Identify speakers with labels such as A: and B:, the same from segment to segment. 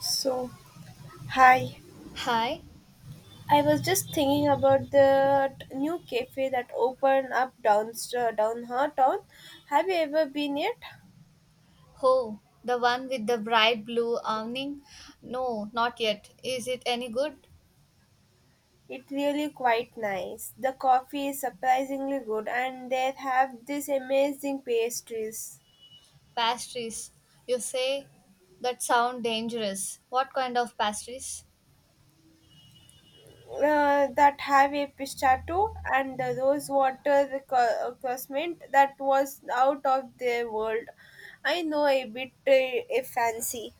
A: So, hi.
B: Hi.
A: I was just thinking about the new cafe that opened up down down her town. Have you ever been yet?
B: Oh, the one with the bright blue awning? No, not yet. Is it any good?
A: It's really quite nice. The coffee is surprisingly good, and they have these amazing pastries
B: Pastries. You say that sound dangerous. What kind of pastries?
A: that have a pistachio and the rose water co- cosment that was out of their world. I know a bit a fancy.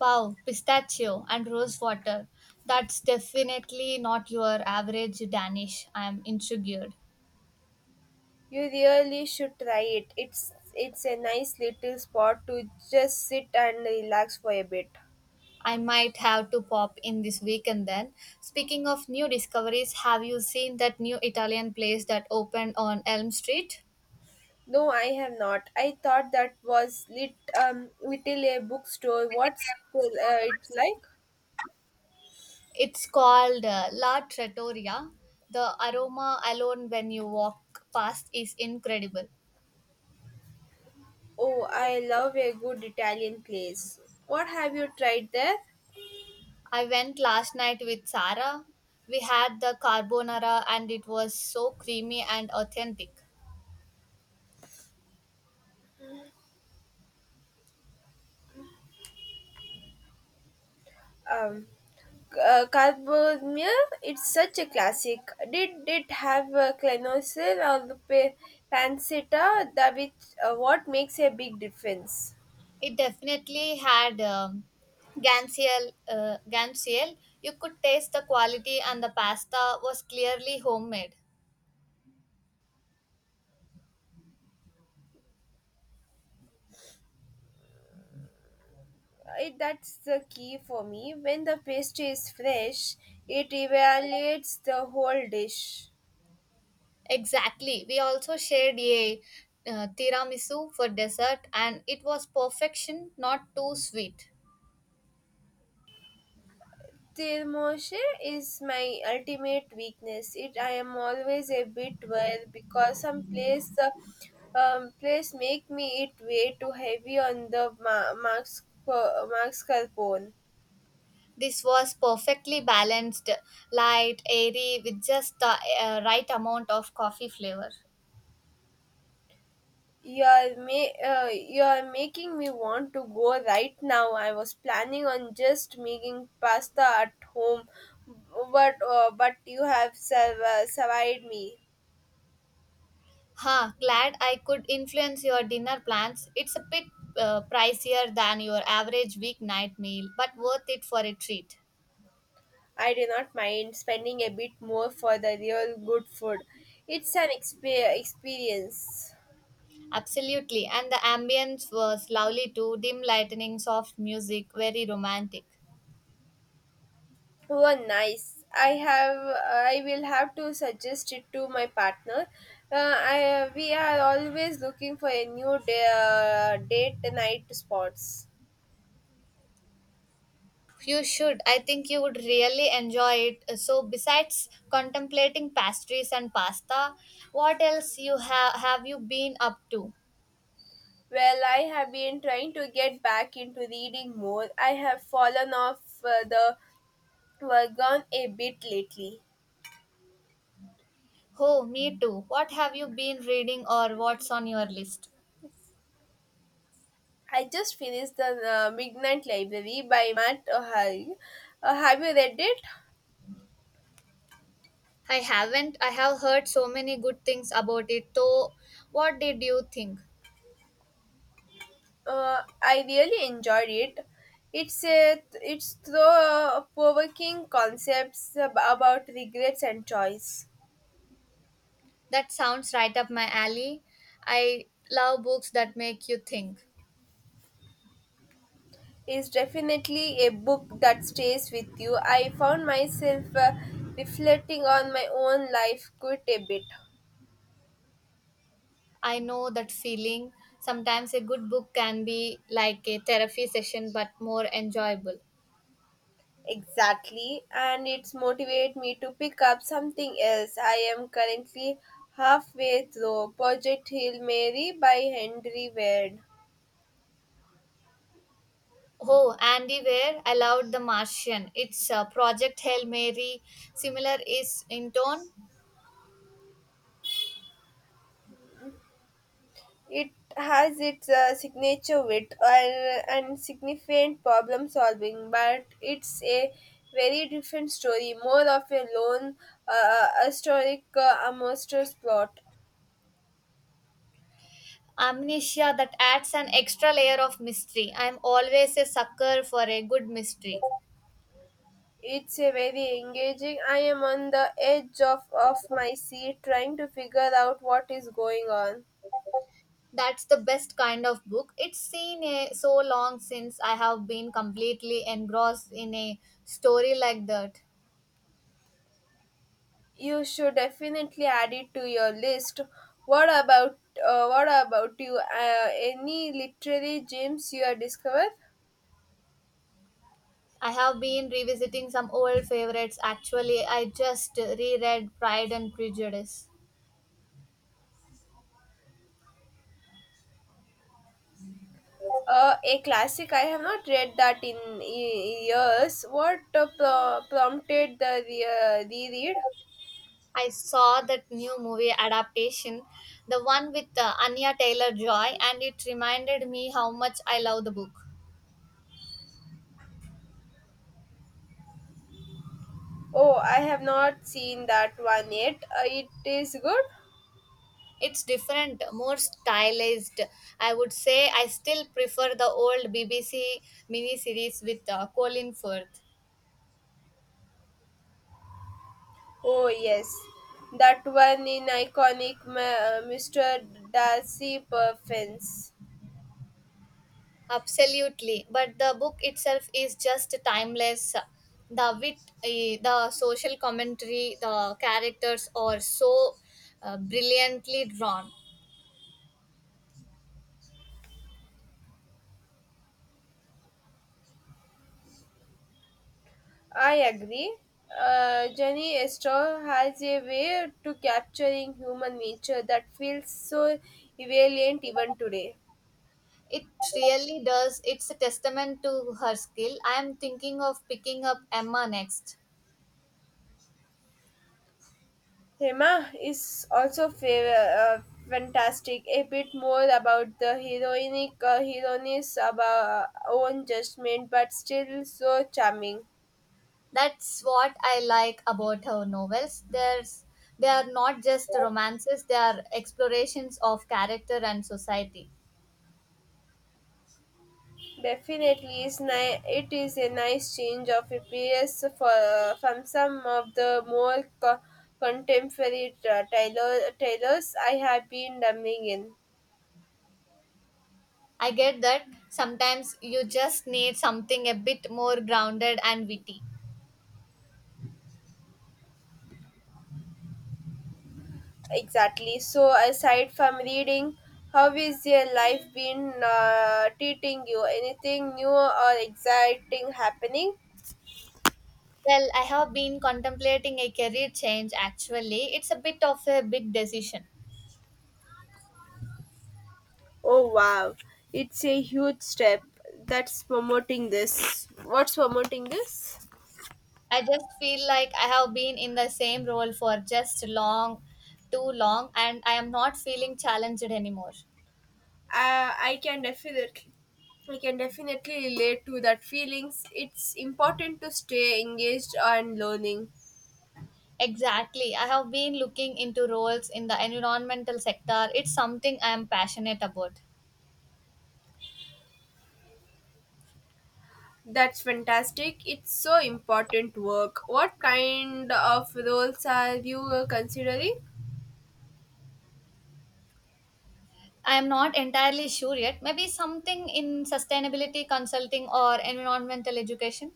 B: Wow, pistachio and rose water. That's definitely not your average Danish. I am intrigued.
A: You really should try it. It's a nice little spot to just sit and relax for a bit.
B: I might have to pop in this weekend then. Speaking of new discoveries, have you seen that new Italian place that opened on Elm Street?
A: No, I have not. I thought that was lit little a bookstore. What's cool, it like?
B: It's called La Trattoria. The aroma alone when you walk past is incredible.
A: Oh, I love a good Italian place. What have you tried there?
B: I went last night with Sarah. We had the carbonara and it was so creamy and authentic.
A: Um, Carbonara. It's such a classic. Did it have a clonosil or the pa- pancetta? That which what makes a big difference?
B: It definitely had Gansiel, Gansiel. You could taste the quality and the pasta was clearly homemade.
A: It that's the key for me when the pastry is fresh. It evaluates the whole dish.
B: Exactly. We also shared a tiramisu for dessert and it was perfection, not too sweet.
A: Tirmoshe is my ultimate weakness. It I am always a bit worried because some place the place make me it way too heavy on the ma- Max Carpone.
B: This was perfectly balanced, light, airy, with just the right amount of coffee flavor.
A: You are making me want to go right now. I was planning on just making pasta at home, but you have serv- survived me.
B: Huh, glad I could influence your dinner plans. It's a bit pricier than your average weeknight meal, but worth it for a treat.
A: I do not mind spending a bit more for the real good food. It's an expe- experience.
B: Absolutely, and the ambience was lovely too dim lighting, soft music, very romantic.
A: Oh, nice. I have. I will have to suggest it to my partner. I we are always looking for a new day, date night spots.
B: You should. I think you would really enjoy it. So, besides contemplating pastries and pasta, what else you have you been up to?
A: Well, I have been trying to get back into reading more. I have fallen off the wagon a bit lately.
B: Oh, me too. What have you been reading or what's on your list?
A: I just finished the Midnight Library by Matt O'Hare. Have you read it?
B: I haven't. I have heard so many good things about it. So, what did you think?
A: I really enjoyed it. It's through provoking concepts ab- about regrets and choice.
B: That sounds right up my alley. I love books that make you think.
A: Is definitely a book that stays with you. I found myself reflecting on my own life quite a bit.
B: I know that feeling. Sometimes a good book can be like a therapy session but more enjoyable.
A: Exactly, and it's motivated me to pick up something else. I am currently halfway through Project Hail Mary by Henry Ward.
B: Oh, Andy Weir, I loved The Martian. It's a Project Hail Mary, similar is in tone.
A: It has its signature wit and significant problem solving, but it's a very different story, more of a lone, historic monster's plot.
B: Amnesia that adds an extra layer of mystery. I'm always a sucker for a good mystery.
A: It's a very engaging. I am on the edge of my seat trying to figure out what is going on.
B: That's the best kind of book. It's seen a, so long since I have been completely engrossed in a story like that.
A: You should definitely add it to your list. What about what about you? Any literary gems you have discovered?
B: I have been revisiting some old favorites actually. I just reread Pride and Prejudice.
A: A classic. I have not read that in y- years. What pro- prompted the re- reread?
B: I saw that new movie adaptation, the one with Anya Taylor Joy, and it reminded me how much I love the book.
A: Oh, I have not seen that one yet. It is good.
B: It's different, more stylized. I would say I still prefer the old BBC miniseries with Colin Firth.
A: Oh yes, that one in iconic Mr. Darcy Perfins.
B: Absolutely, but the book itself is just timeless. The wit, the social commentary, the characters are so brilliantly drawn.
A: I agree. Jenny Estor has a way to capturing human nature that feels so relevant even today.
B: It really does. It's a testament to her skill. I am thinking of picking up Emma next.
A: Hema is also fantastic, a bit more about the heroic heroine's about own judgment, but still so charming.
B: That's what I like about her novels. There's They are not just romances; they are explorations of character and society.
A: Definitely, is it is a nice change of appearance for, from some of the more co- contemporary tailors I have been dumbing in.
B: I get that sometimes you just need something a bit more grounded and witty.
A: Exactly. So, aside from reading, how is your life been treating you? Anything new or exciting happening?
B: Well, I have been contemplating a career change actually. It's a bit of a big decision.
A: Oh, wow. It's a huge step. That's promoting this. What's promoting this?
B: I just feel like I have been in the same role for just too long, and I am not feeling challenged anymore.
A: Uh, I can definitely. I can definitely relate to that feelings. It's important to stay engaged and learning.
B: Exactly. I have been looking into roles in the environmental sector. It's something I am passionate about.
A: That's fantastic. It's so important work. What kind of roles are you considering?
B: I am not entirely sure yet. Maybe something in sustainability consulting or environmental education.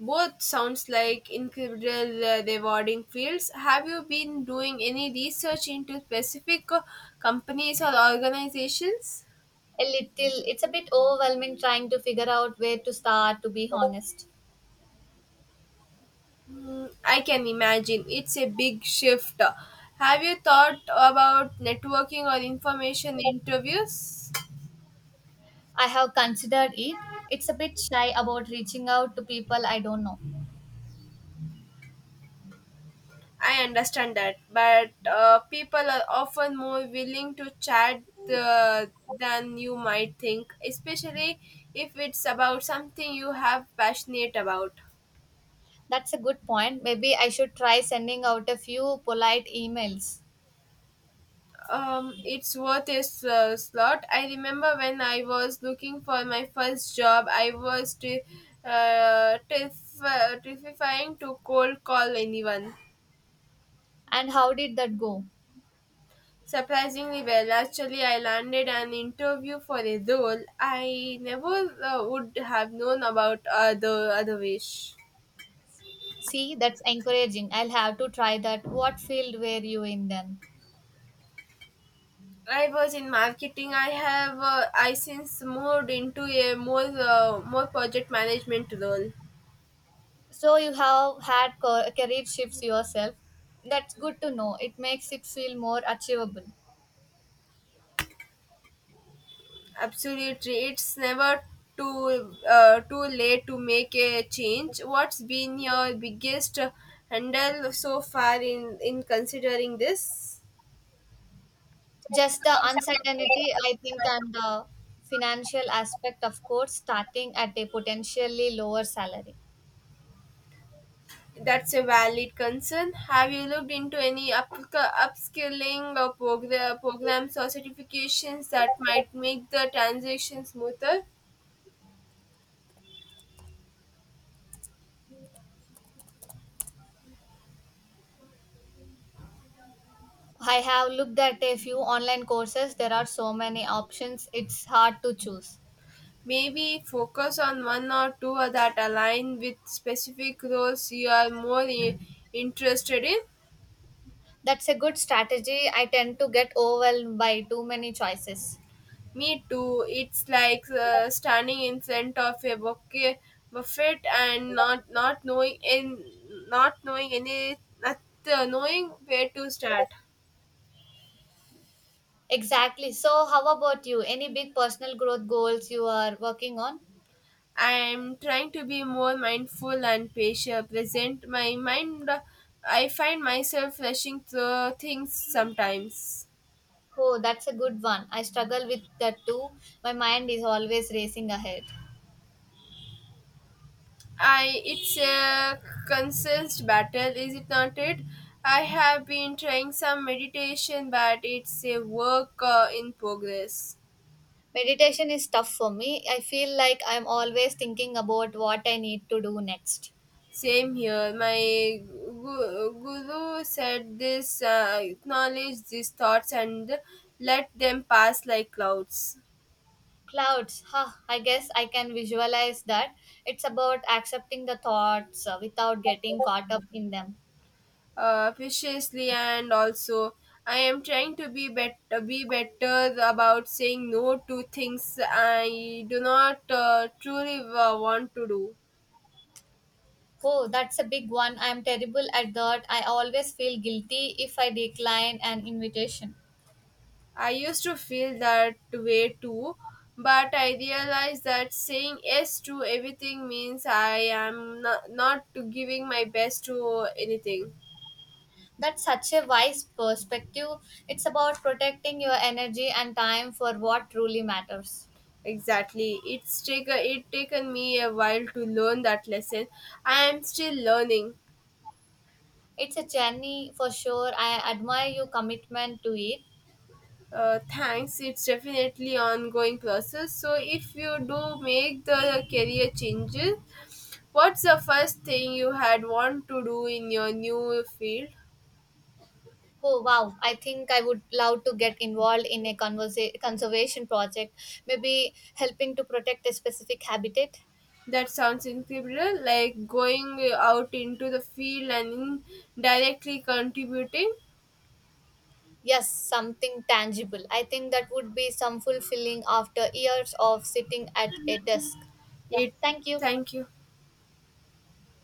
A: Both sounds like incredible rewarding fields. Have you been doing any research into specific companies or organizations?
B: A little, it's a bit overwhelming trying to figure out where to start, to be honest.
A: Hmm, I can imagine it's a big shift. Have you thought about networking or information interviews?
B: I have considered it. It's a bit shy about reaching out to people I don't know.
A: I understand that, but people are often more willing to chat than you might think, especially if it's about something you have passionate about.
B: That's a good point. Maybe I should try sending out a few polite emails.
A: It's worth a slot. I remember when I was looking for my first job, terrif- terrifying to cold call anyone.
B: And how did that go?
A: Surprisingly well. Actually, I landed an interview for a role I never would have known about the other wish.
B: See, that's encouraging. I'll have to try that. What field were you in then?
A: I was in marketing. I since moved into a more more project management role.
B: So you have had career shifts yourself. That's good to know. It makes it feel more achievable.
A: Absolutely, it's never too too late to make a change. What's been your biggest handle so far in considering this?
B: Just the uncertainty, I think, and the financial aspect, of course, starting at a potentially lower salary.
A: That's a valid concern. Have you looked into any up- upskilling or progr- programs or certifications that might make the transition smoother?
B: I have looked at a few online courses. There are so many options, it's hard to choose.
A: Maybe focus on one or two that align with specific roles you are more I- interested in.
B: That's a good strategy. I tend to get overwhelmed by too many choices.
A: Me too. It's like standing in front of a bouquet buffet and not knowing in not knowing any not knowing where to start.
B: Exactly. So, how about you? Any big personal growth goals you are working on?
A: I'm trying to be more mindful and patient, present my mind. I find myself rushing through things sometimes.
B: Oh, that's a good one. I struggle with that too. My mind is always racing ahead.
A: I It's a constant battle, is it not? It I have been trying some meditation, but it's a work in progress.
B: Meditation is tough for me. I feel like I'm always thinking about what I need to do next.
A: Same here. My guru said this: acknowledge these thoughts and let them pass like clouds.
B: Clouds, huh? I guess I can visualize that. It's about accepting the thoughts without getting caught up in them.
A: Viciously, and also I am trying to be better about saying no to things I do not truly want to do.
B: Oh, that's a big one. I'm terrible at that. I always feel guilty if I decline an invitation.
A: I used to feel that way too, but I realized that saying yes to everything means I am not giving my best to anything.
B: That's such a wise perspective. It's about protecting your energy and time for what truly matters.
A: Exactly, it's taken me a while to learn that lesson. I am still learning.
B: It's a journey for sure. I admire your commitment to it.
A: Thanks. It's definitely ongoing process. So if you do make the career changes, what's the first thing you had want to do in your new field?
B: Oh wow, I think I would love to get involved in a conservation project, maybe helping to protect a specific habitat.
A: That sounds incredible. Like going out into the field and directly contributing.
B: Yes, something tangible. I think that would be some fulfilling after years of sitting at a desk. Yeah,
A: It.
B: thank you.
A: Thank you.